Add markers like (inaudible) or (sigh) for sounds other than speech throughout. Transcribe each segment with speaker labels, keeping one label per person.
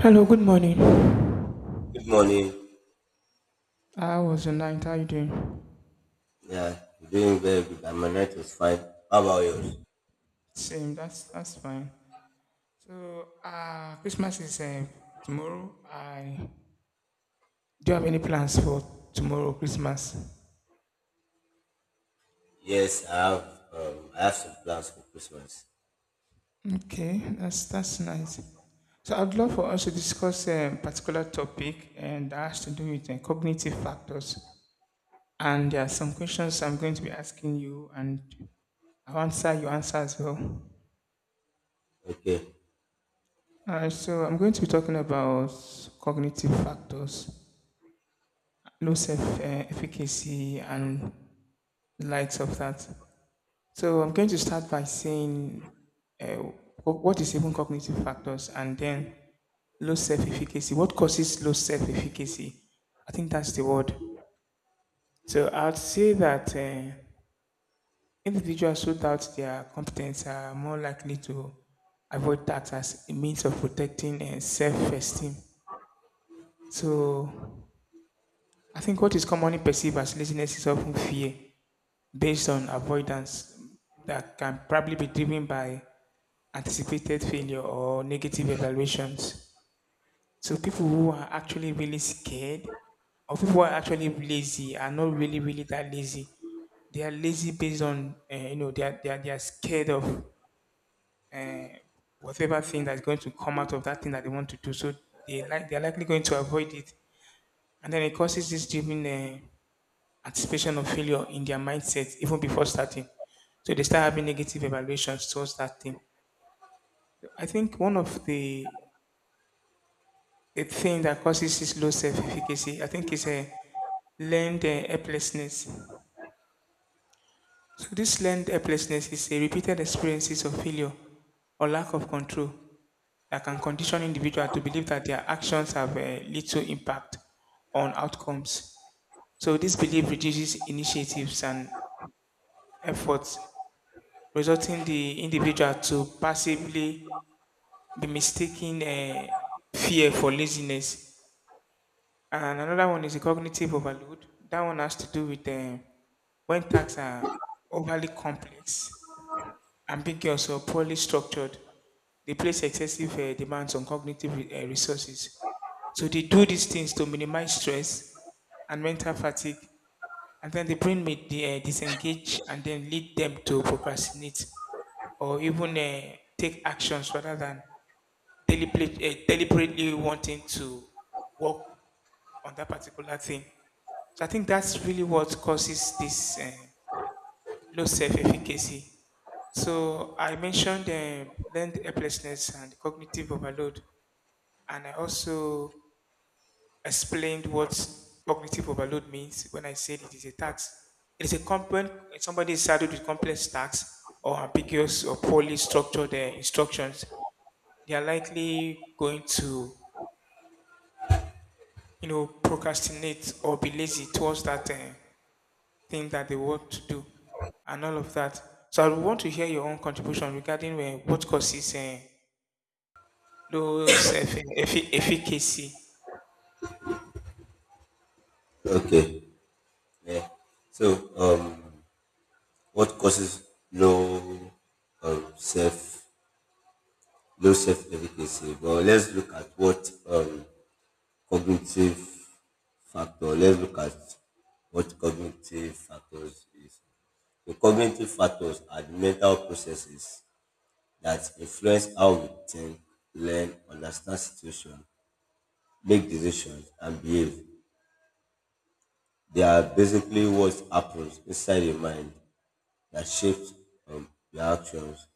Speaker 1: Hello, good morning.
Speaker 2: Good morning.
Speaker 1: How was your night? How you doing?
Speaker 2: Yeah, doing very good. And my night was fine. How about yours?
Speaker 1: Same, that's fine. So, Christmas is tomorrow. I Do you have any plans for tomorrow, Christmas?
Speaker 2: Yes, I have. I have some plans for Christmas.
Speaker 1: Okay, that's nice. So, I'd love for us to discuss a particular topic, and that has to do with cognitive factors. And there are some questions I'm going to be asking you, and I'll answer your answer as well.
Speaker 2: Okay.
Speaker 1: I'm going to be talking about cognitive factors, low self-efficacy and the likes of that. So I'm going to start by saying what is even cognitive factors and then low self-efficacy. What causes low self-efficacy? I think that's the word. So I'd say that individuals who doubt their competence are more likely to avoid tax as a means of protecting self-esteem. So I think what is commonly perceived as laziness is often fear based on avoidance that can probably be driven by anticipated failure or negative evaluations. So people who are actually really scared or people who are actually lazy are not really that lazy. They are lazy based on you know they are scared of uh, whatever thing that's going to come out of that thing that they want to do. So they are likely going to avoid it, and then it causes this driven. Anticipation of failure in their mindset even before starting. So they start having negative evaluations towards that thing. I think one of the thing that causes this low self-efficacy, I think, is a learned helplessness. So this learned helplessness is a repeated experiences of failure or lack of control that can condition individual to believe that their actions have little impact on outcomes. So this belief reduces initiatives and efforts resulting the individual to passively be mistaking fear for laziness. And another one is a cognitive overload. That one has to do with when tasks are overly complex, ambiguous, or poorly structured. They place excessive demands on cognitive resources. So they do these things to minimize stress and mental fatigue, and then the brain may disengage and then lead them to procrastinate or even take actions rather than deliberately wanting to work on that particular thing. So I think that's really what causes this low self-efficacy. So I mentioned learned helplessness and cognitive overload, and I also explained what cognitive overload means when I said it is a tax. It is a component somebody is saddled with complex tasks or ambiguous or poorly structured instructions they are likely going to, you know, procrastinate or be lazy towards that thing that they want to do and all of that. So I want to hear your own contribution regarding what causes low self efficacy.
Speaker 2: Okay. Yeah. So, what causes low, self, low self efficacy? Well, let's look at what cognitive factor. Let's look at what cognitive factors is. The cognitive factors are the mental processes that influence how we think, learn, understand situation, make decisions, and behave. They are basically what happens inside the mind that shapes the actions.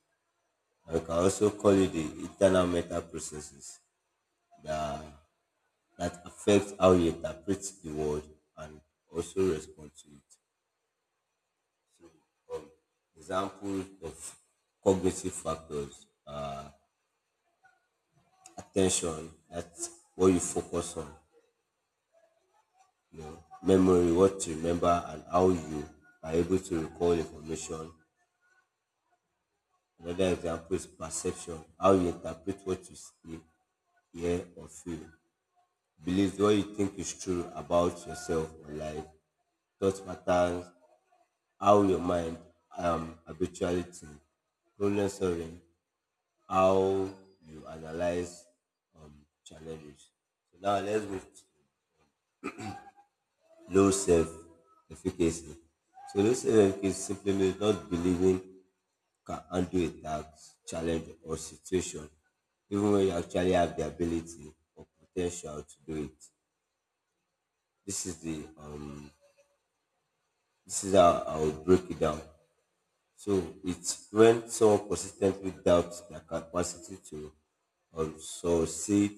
Speaker 2: And we can also call it the internal mental processes that, that affect how you interpret the world and also respond to it. Um, Examples of cognitive factors are attention, that's what you focus on, you know, memory, what you remember, and how you are able to recall information. Another example is perception, how you interpret what you see, hear, or feel. Beliefs, what you think is true about yourself or life. Thought patterns, how your mind habitually thinks. Problem solving, how you analyze challenges. So now let's move to low self efficacy. So low self efficacy simply means not believing can handle a task, challenge, or situation, even when you actually have the ability or potential to do it. This is the this is how I would break it down. So it's when someone consistently doubts their capacity to succeed,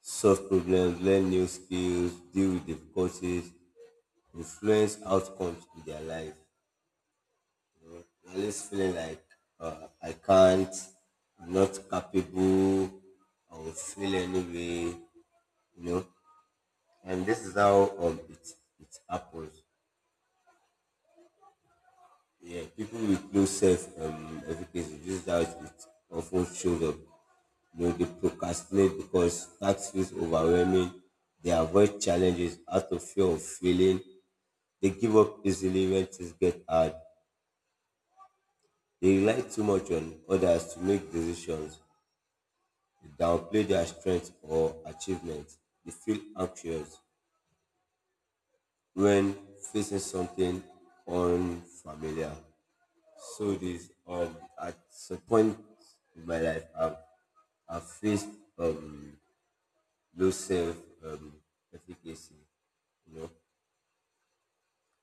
Speaker 2: solve problems, learn new skills, deal with difficulties, influence outcomes in their life. I'm always feeling like I can't, I'm not capable, I will fail anyway, you know. And this is how it, it happens. Yeah, people with low self efficacy, this is how it often shows up. You know, they procrastinate because tax feels overwhelming, they avoid challenges out of fear of failing, they give up easily when things get hard, they rely too much on others to make decisions. They downplay their strength or achievements. They feel anxious when facing something unfamiliar. So this at some point in my life I've faced um low self um efficacy. You know,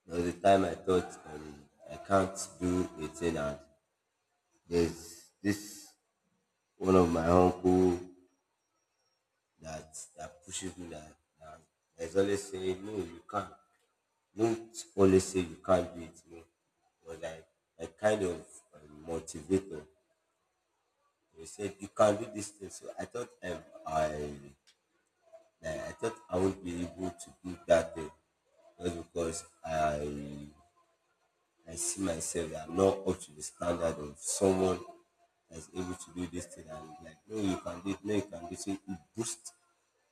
Speaker 2: there was a time I thought I can't do a thing, and there's this one of my uncle that pushes me that is always saying no you can't, don't always say you can't do it, no, but like a kind of motivator, they said you can do this thing. So I thought I like, I thought I would be able to do that thing just because I see myself that I'm not up to the standard of someone that's able to do this thing. And like, no, you can do it. No, you can do it. So it boost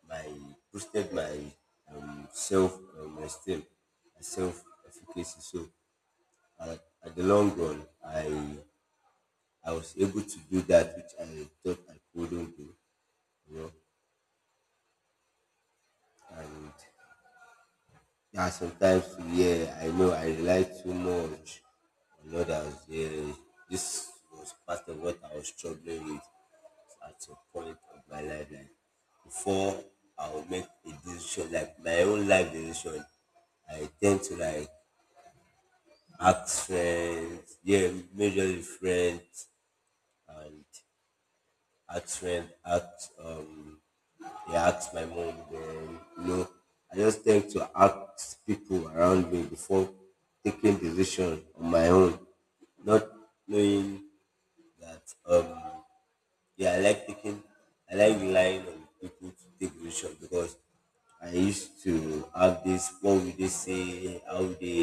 Speaker 2: my boosted my self esteem, my self efficacy. So uh, at the long run, I was able to do that which I thought I couldn't do. You know, and yeah, sometimes, yeah, I know I rely too much on others. Yeah, this was part of what I was struggling with at some point of my life. Like before I would make a decision, like my own life decision, I tend to like ask friends, yeah, majorly friends, and ask friends, ask they asked my mom, then, you know, I just tend to ask people around me before taking decision on my own, not knowing that, yeah, I like relying on people to take decision because I used to have this, what will they say, how will they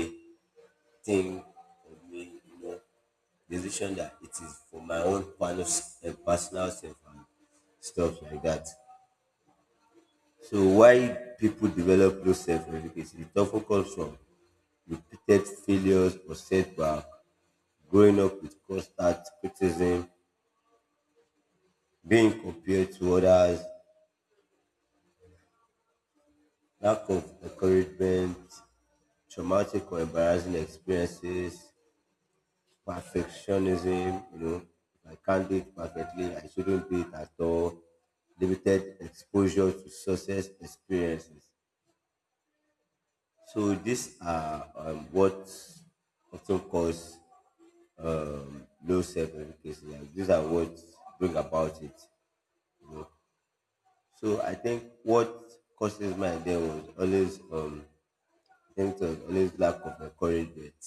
Speaker 2: think of me, you know, decision that it is for my own kind of personal self and stuff like that. So why people develop low self-efficacy? It often comes from repeated failures or setback, growing up with constant criticism, being compared to others, lack of encouragement, traumatic or embarrassing experiences, perfectionism, you know, if I can't do it perfectly, I shouldn't do it at all, limited exposure to success experiences. So these are what often cause low self efficacy. Like these are what bring about it. You know. So I think what causes my idea was always I think it was always lack of encouragement.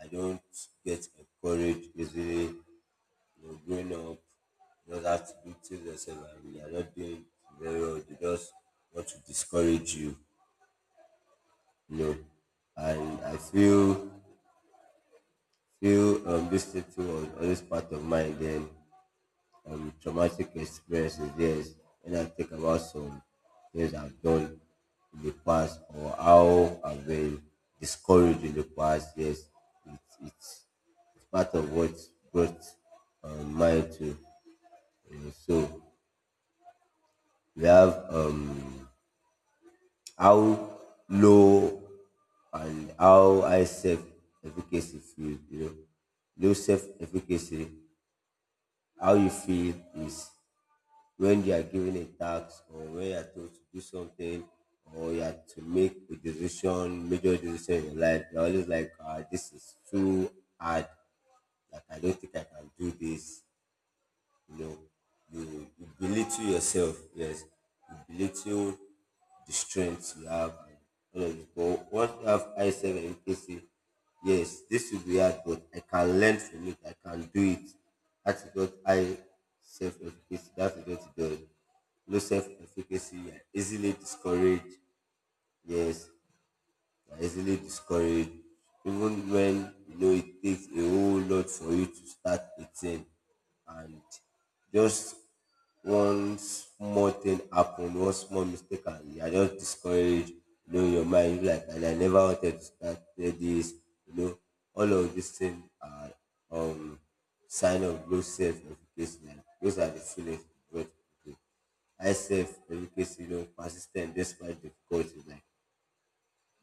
Speaker 2: I don't get encouraged easily, you know, growing up, you just have to do things yourself and you are not doing very well. They just want to discourage you, you know. And I feel this thing too was always part of my then traumatic experiences. Yes, when I think about some things I've done in the past or how I've been discouraged in the past, yes, it, it's, it's part of what brought mine to. So we have, how low and how high self efficacy feel, you know. Low self efficacy, how you feel is when you are given a task or when you are told to do something or you are to make a decision, major decision in your life, you're always like, ah, this is too hard. Like, I don't think I can do this. No, you belittle yourself. Yes, you belittle the strength you have. And all of this. But once you have I high in efficacy, yes, this will be hard, but I can learn from it. I can do it. That is what high self efficacy. That is what it does. No self efficacy, you are easily discouraged. Yes, are easily discouraged even when you know it takes a whole lot for you to start a thing and just one small thing happen, one small mistake, and you are just discouraged. You know, in your mind you're like, and I never wanted to start this. You know, all of these things are um sign of low self-efficacy, like those are the feelings you get. Okay. High self-efficacy, you know, persistent ten t despite difficulty, like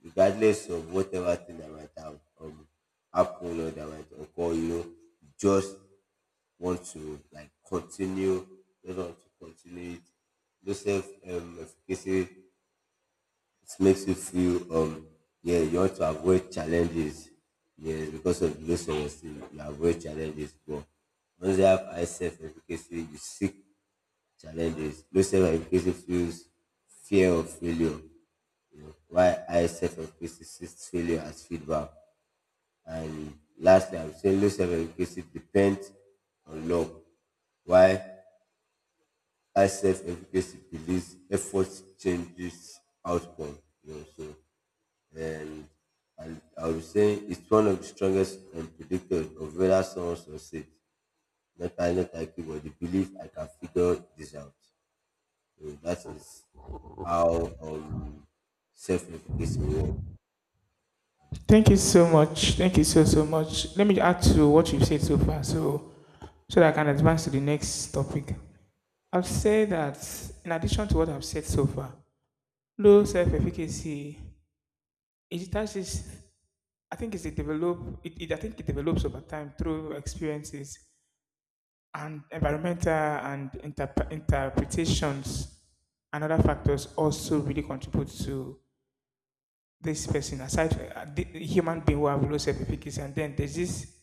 Speaker 2: regardless of whatever thing that might have happen or that might occur, you know, you just want to like continue, just want to continue it. No self efficacy, it makes you feel, yeah, you want to avoid challenges. Yes, because of the low self esteem, you avoid challenges. But once you have high self efficacy, you seek challenges. Low self-efficacy fuels fear of failure. You know, why high self-efficacy sees failure as feedback. And lastly, I would say low self-efficacy depends on luck. Why high self-efficacy believes effort changes outcome. You know, so and and I would say it's one of the strongest predictors of whether someone succeeds. Not I, not I, but the belief I can figure this out. So that is how self-efficacy works.
Speaker 1: Thank you so much. Thank you so much. Let me add to what you've said so far, so so that I can advance to the next topic. I've said that in addition to what I've said so far, low self-efficacy it touches I think it develops over time through experiences and environmental and interpretations and other factors also really contribute to this person. Aside the human being who have low self-efficacy, and then there's this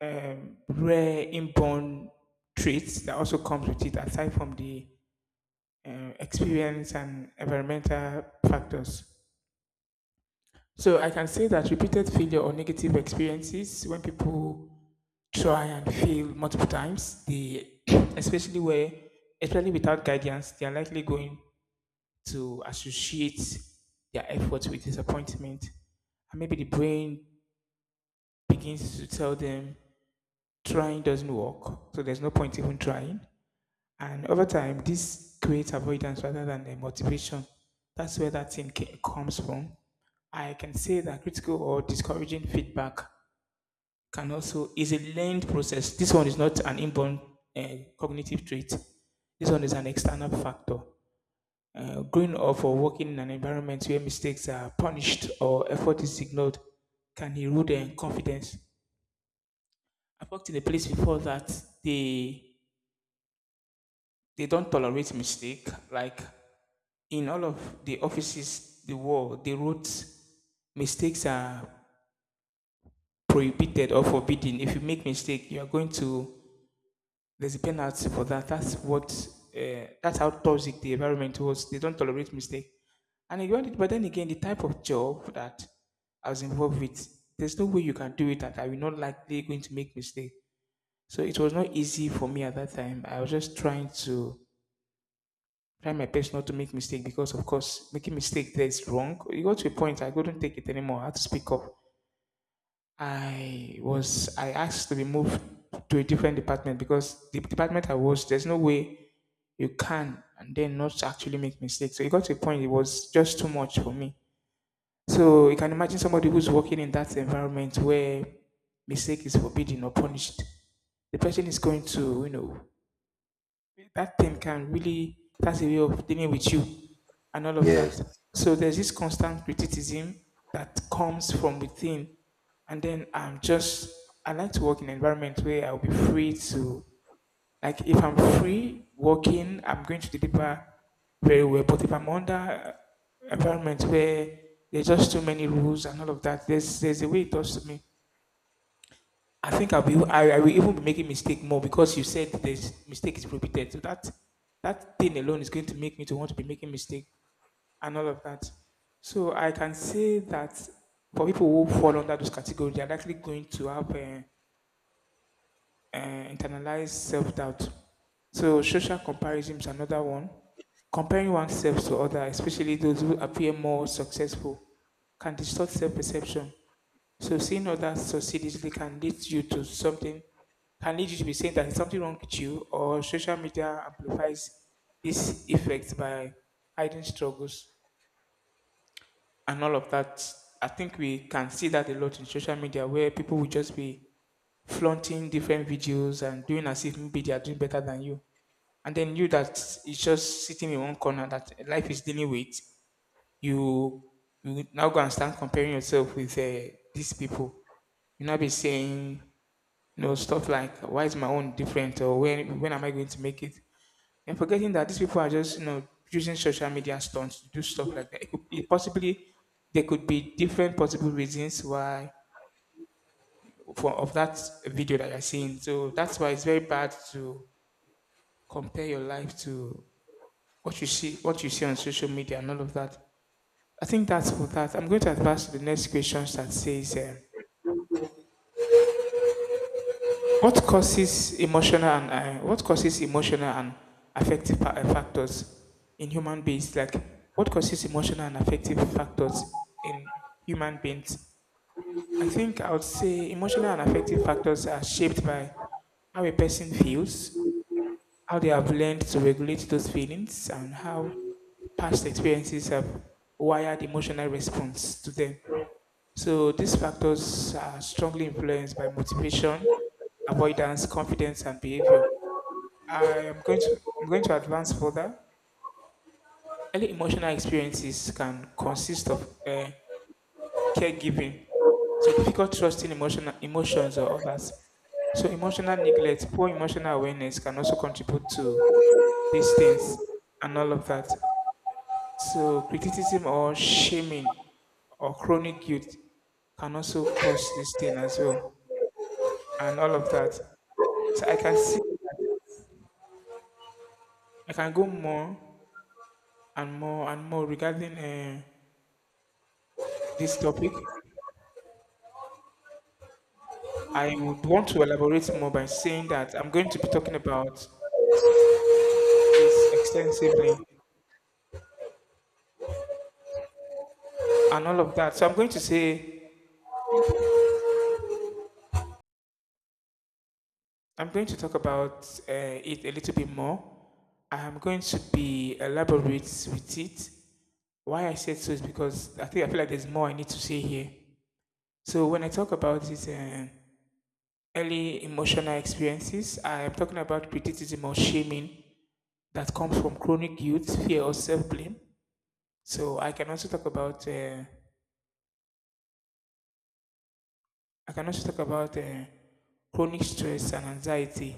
Speaker 1: rare inborn traits that also comes with it, aside from the experience and environmental factors. So I can say that repeated failure or negative experiences, when people try and fail multiple times they (clears throat) especially where especially without guidance they are likely going to associate their efforts with disappointment, and maybe the brain begins to tell them trying doesn't work, so there's no point even trying. And over time this creates avoidance rather than a motivation. That's where that thing comes from. I can say that critical or discouraging feedback can also is a learned process. This one is not an inborn uh, cognitive trait. This one is an external factor. Growing up or working in an environment where mistakes are punished or effort is ignored can erode their confidence. I've worked in a place before that they they don't tolerate mistake. Like in all of the offices, the world, they wrote mistakes are prohibited or forbidden. If you make mistake, you are going to There's a penalty for that. That's what. That's how toxic the environment was. They don't tolerate mistake. And I got it, but then again, the type of job that I was involved with, there's no way you can do it that I will not likely going to make mistake. So it was not easy for me at that time. I was just trying to try my best not to make mistake because, of course, making mistake there is wrong. You got to a point I couldn't take it anymore. I had to speak up. I asked to be moved to a different department because the department I was there's no way you can and then not actually make mistakes. So it got to a point it was just too much for me. So you can imagine somebody who's working in that environment where mistake is forbidden or punished. The person is going to, you know, that thing can really, that's a way of dealing with you and all of that.
Speaker 2: Yes.
Speaker 1: So there's this constant criticism that comes from within, and then I'm just I like to work in an environment where I'll be free to like if I'm free working I'm going to deliver very well. But if I'm under environment where there's just too many rules and all of that, there's a way it does to me. I think I'll be I will even be making mistake more because you said this mistake is prohibited. So that that thing alone is going to make me to want to be making mistake and all of that. So I can say that for people who fall under those categories, they're likely going to have internalized self-doubt. So social comparison is another one. Comparing oneself to others, especially those who appear more successful, can distort self-perception. So seeing others succeed easily can lead you to something, can lead you to be saying that something wrong with you, or social media amplifies this effect by hiding struggles and all of that. I think we can see that a lot in social media where people will just be flaunting different videos and doing as if maybe they are doing better than you. And then you that is just sitting in one corner that life is dealing with, you, you now go and start comparing yourself with these people. You now be saying, you know, stuff like why is my own different or when am I going to make it? And forgetting that these people are just, you know, using social media stunts to do stuff like that. It possibly there could be different possible reasons why for of that video that you're seeing. So that's why it's very bad to compare your life to what you see on social media and all of that. I think that's for that. I'm going to advance to the next questions that says what causes emotional and affective factors in human beings? Like what causes emotional and affective factors in human beings? I think I would say emotional and affective factors are shaped by how a person feels, how they have learned to regulate those feelings, and how past experiences have wired emotional response to them. So these factors are strongly influenced by motivation, avoidance, confidence, and behavior. I'm going to advance further. Early emotional experiences can consist of caregiving, so difficult trusting emotional emotions or others. So emotional neglect, poor emotional awareness can also contribute to these things and all of that. So criticism or shaming or chronic guilt can also cause this thing as well, and all of that. So I can say I can go more and more and more regarding this topic. I would want to elaborate more by saying that I'm going to be talking about this extensively and all of that. So I'm going to say I'm going to talk about it a little bit more. I am going to be elaborate with it. Why I said so is because I think I feel like there's more I need to say here. So when I talk about it. Early emotional experiences, I am talking about criticism or shaming that comes from chronic guilt, fear, or self-blame. So I can also talk about chronic stress and anxiety.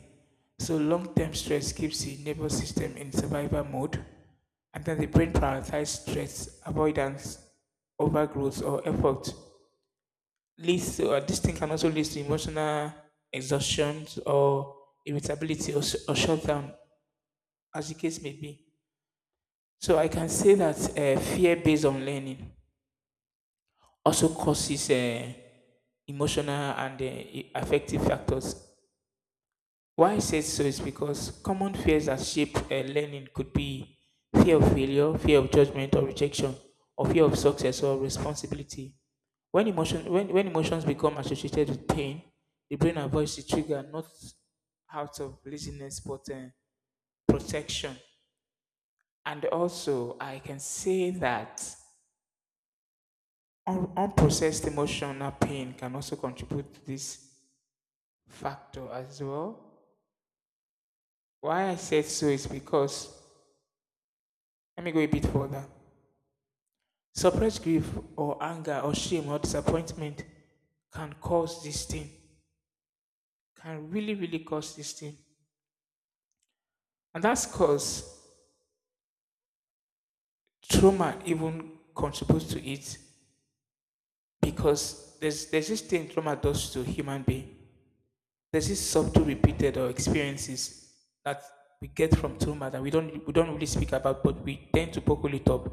Speaker 1: So long-term stress keeps the nervous system in survival mode, and then the brain prioritizes stress, avoidance, overgrowth, or effort. Leads to, this thing can also lead to emotional exhaustion or irritability, or shutdown as the case may be. So I can say that fear based on learning also causes emotional and affective factors. Why I said so is because common fears that shape learning could be fear of failure, fear of judgment or rejection, or fear of success or responsibility. When emotions become associated with pain, the brain avoids the trigger not out of laziness but protection. And also, I can say that Unprocessed emotional pain can also contribute to this factor as well. Why I said so is because, let me go a bit further. Suppressed grief or anger or shame or disappointment can cause this thing, can really cause this thing. And that's cause trauma even contributes to it because there's this thing trauma does to human being. There's this subtle repeated or experiences that we get from trauma that we don't really speak about, but we tend to buckle it up.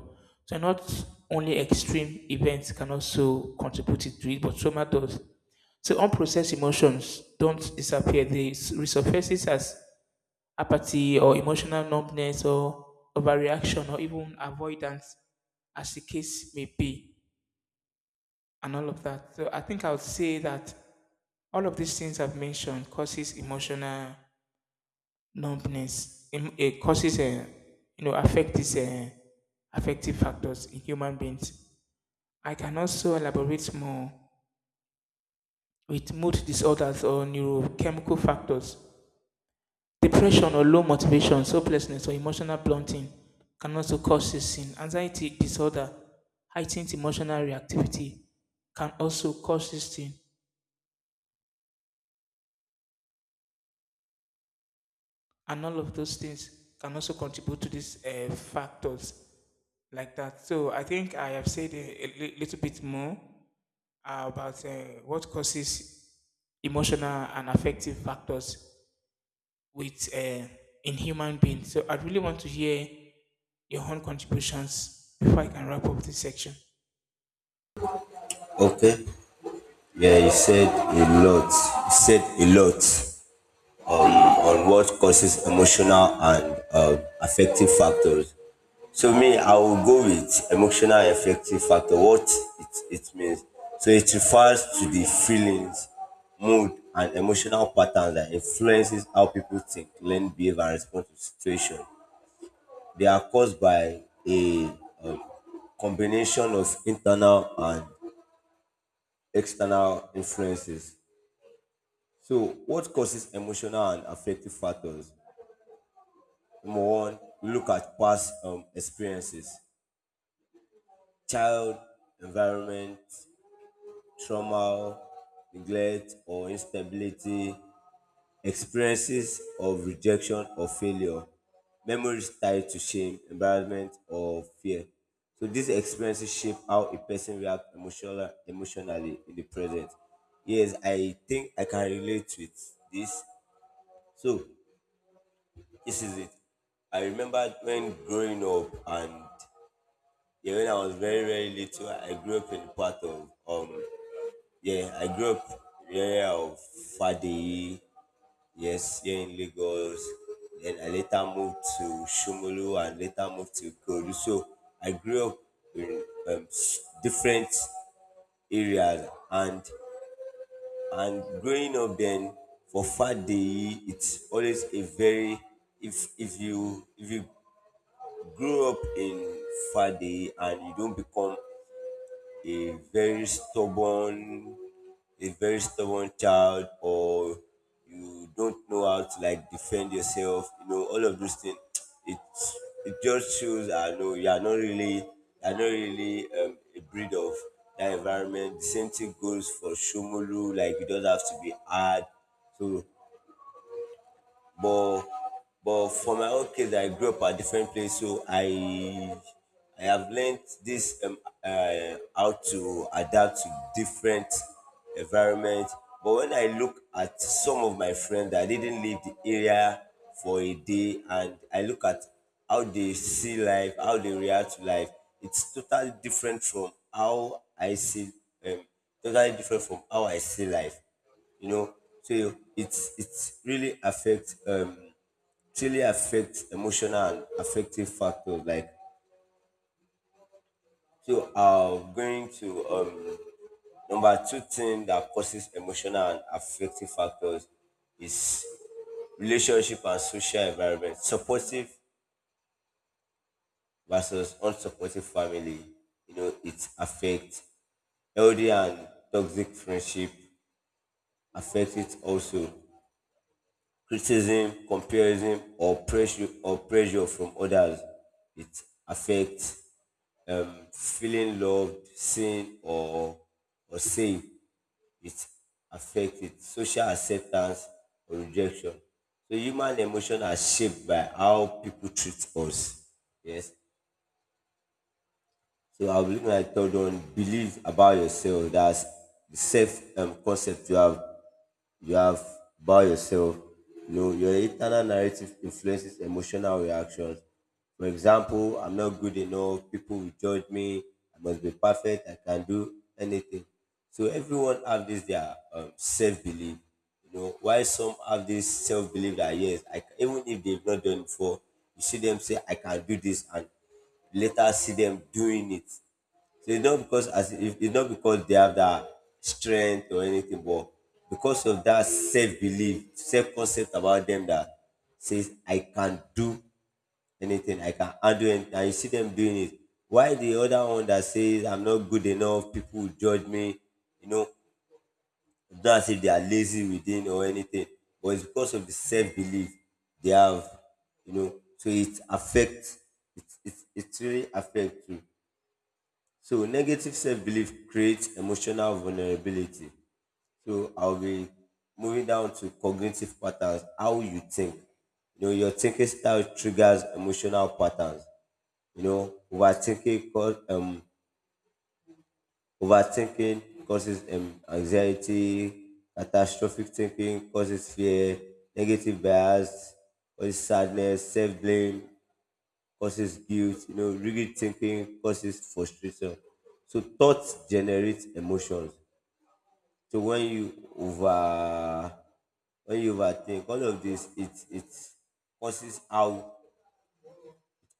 Speaker 1: So not only extreme events can also contribute to it, but trauma does. So unprocessed emotions don't disappear; they resurfaces as apathy or emotional numbness or overreaction or even avoidance, as the case may be, and all of that. So I think I would say that all of these things I've mentioned causes emotional numbness. It causes a you know affect these affective factors in human beings. I can also elaborate more with mood disorders or neurochemical factors. Depression or low motivation, hopelessness, or emotional blunting can also cause this sin. Anxiety disorder, heightened emotional reactivity can also cause this thing, and all of those things can also contribute to these factors, like that. So I think I have said little bit more about what causes emotional and affective factors with in human beings. So I really want to hear your own contributions before I can wrap up this section.
Speaker 2: Okay. Yeah, he said a lot. He said a lot on what causes emotional and affective factors. So me, I will go with emotional and affective factor. What it means. So it refers to the feelings, mood, and emotional patterns that influences how people think, learn, behave, and respond to situation. They are caused by a combination of internal and external influences. So, what causes emotional and affective factors? Number one, we look at past experiences, child, environment, trauma, neglect, or instability, experiences of rejection or failure, memories tied to shame, embarrassment, or fear. So these experiences shape how a person reacts emotionally in the present. Yes, I think I can relate with this. So this is it. I remember when growing up, and yeah, when I was very, very little, I grew up in part of yeah, I grew up in the area of Fadi. Yes, here in Lagos. Then I later moved to Shomolu and later moved to Kodu. So I grew up in, different areas. And growing up then, for Fat Day, it's always a very, if if you grew up in Fat Day and you don't become a very stubborn a very stubborn child, or you don't know how to like defend yourself, you know, all of those things, it it just shows, I know you are not really, a breed of that environment. The same thing goes for Shomolu, like you don't have to be hard. So but but for my own case, I grew up at different place, so I have learned this how to adapt to different environment. But when I look at some of my friends that didn't leave the area for a day, and I look at how they see life, how they react to life, it's totally different from how I see um, life, you know. So it's really affect it really affects emotional and affective factors, like. So I'm going to, number two thing that causes emotional and affective factors is relationship and social environment, supportive versus unsupportive family, you know, it affects. Healthy and toxic friendship affect it also. Criticism, comparison, or pressure, or pressure from others. It affects feeling loved, seen, or safe. It affects social acceptance or rejection. So human emotion are shaped by how people treat us. Yes. So I'll be looking at the third one, believe about yourself. That's the self concept you have about yourself. You know, your internal narrative influences emotional reactions. For example, I'm not good enough, people will judge me, I must be perfect, I can do anything. So everyone have this their self-belief. You know, why some have this self-belief that yes, I can, even if they've not done it before, you see them say, I can do this and later see them doing it. So it's not because, as if it's not because they have that strength or anything, but because of that self belief, self concept about them that says I can do anything, I can handle anything, and you see them doing it. Why the other one that says I'm not good enough, people will judge me, you know, it's not as if they are lazy within or anything, but it's because of the self belief they have, you know, so it affects it really affects you. So negative self-belief creates emotional vulnerability. So I'll be moving down to cognitive patterns, how you think. You know, your thinking style triggers emotional patterns. You know, overthinking causes anxiety, catastrophic thinking causes fear, negative bias causes sadness, self-blame causes guilt, you know, rigid thinking causes frustration. So thoughts generate emotions. So when you overthink, all of this it causes how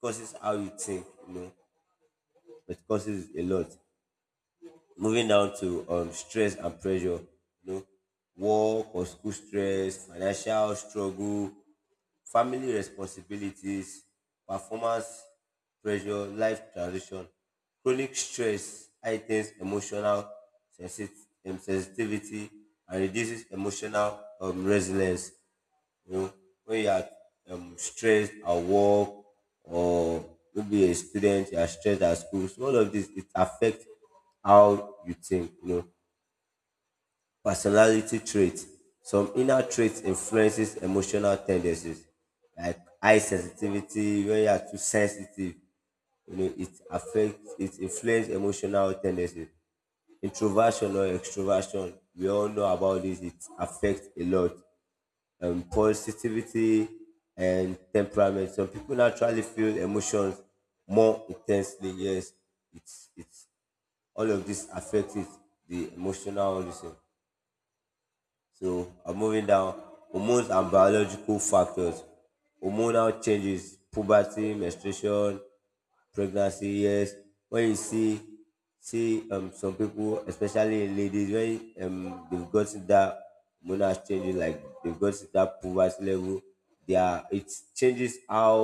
Speaker 2: causes how you think, you know, it causes a lot. Moving down to stress and pressure, you know, work or school stress, financial struggle, family responsibilities, performance pressure, life transition, chronic stress heightens emotional sensitivity and reduces emotional resilience. You know, when you are stressed at work or maybe a student, you are stressed at school, so all of this it affects how you think. You know, personality traits, some inner traits influences emotional tendencies, like high sensitivity. When you are too sensitive, you know it affects, it influence emotional tendencies. Introversion or extroversion, we all know about this, it affects a lot. Positivity and temperament, some people naturally feel emotions more intensely. Yes, it's all of this affects it, the emotional reason. So I'm moving down. Hormones and biological factors. Hormonal changes, puberty, menstruation, pregnancy years. When you see see some people, especially in ladies, when they've got to that hormonal changes, like they've got to that puberty level, they are it changes how,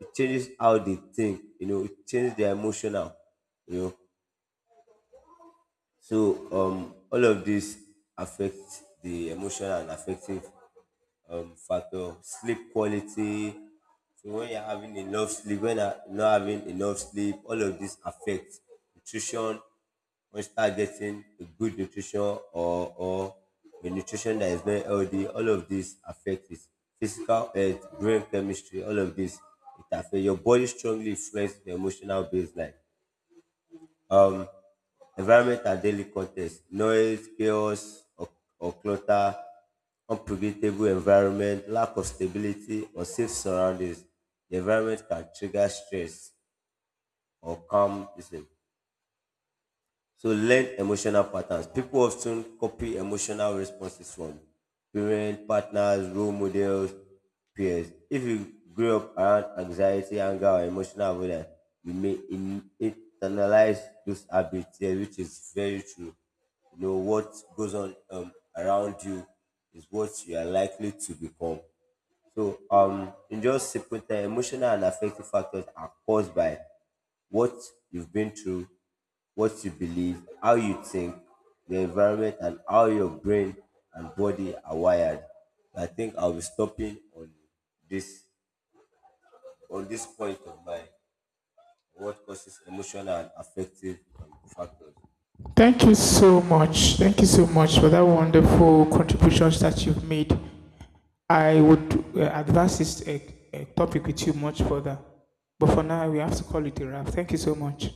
Speaker 2: it changes how they think, you know, it changes their emotional, you know. So all of this affects the emotional and affective factor. Sleep quality. So when you're having enough sleep, when you're not having enough sleep, all of this affects. Nutrition. When you start getting a good nutrition, or a nutrition that is very healthy, all of this affects it. Physical health, brain chemistry, all of this, it affects your body, strongly influences the emotional baseline. Um, Environment and daily context. Noise, chaos, or clutter, unpredictable environment, lack of stability, or safe surroundings. The environment can trigger stress or calm. Listen. So learn emotional patterns. People often copy emotional responses from parents, partners, role models, peers. If you grew up around anxiety, anger, or emotional avoidance, you may internalize those habits here, which is very true. You know what goes on around you is what you are likely to become. So, in just simple terms, emotional and affective factors are caused by what you've been through, what you believe, how you think, the environment, and how your brain and body are wired. I think I'll be stopping this on this point of mine. What causes emotional and affective factors?
Speaker 1: Thank you so much. Thank you so much for that wonderful contributions that you've made. I would advance this topic with you much further. But for now, we have to call it a wrap. Thank you so much.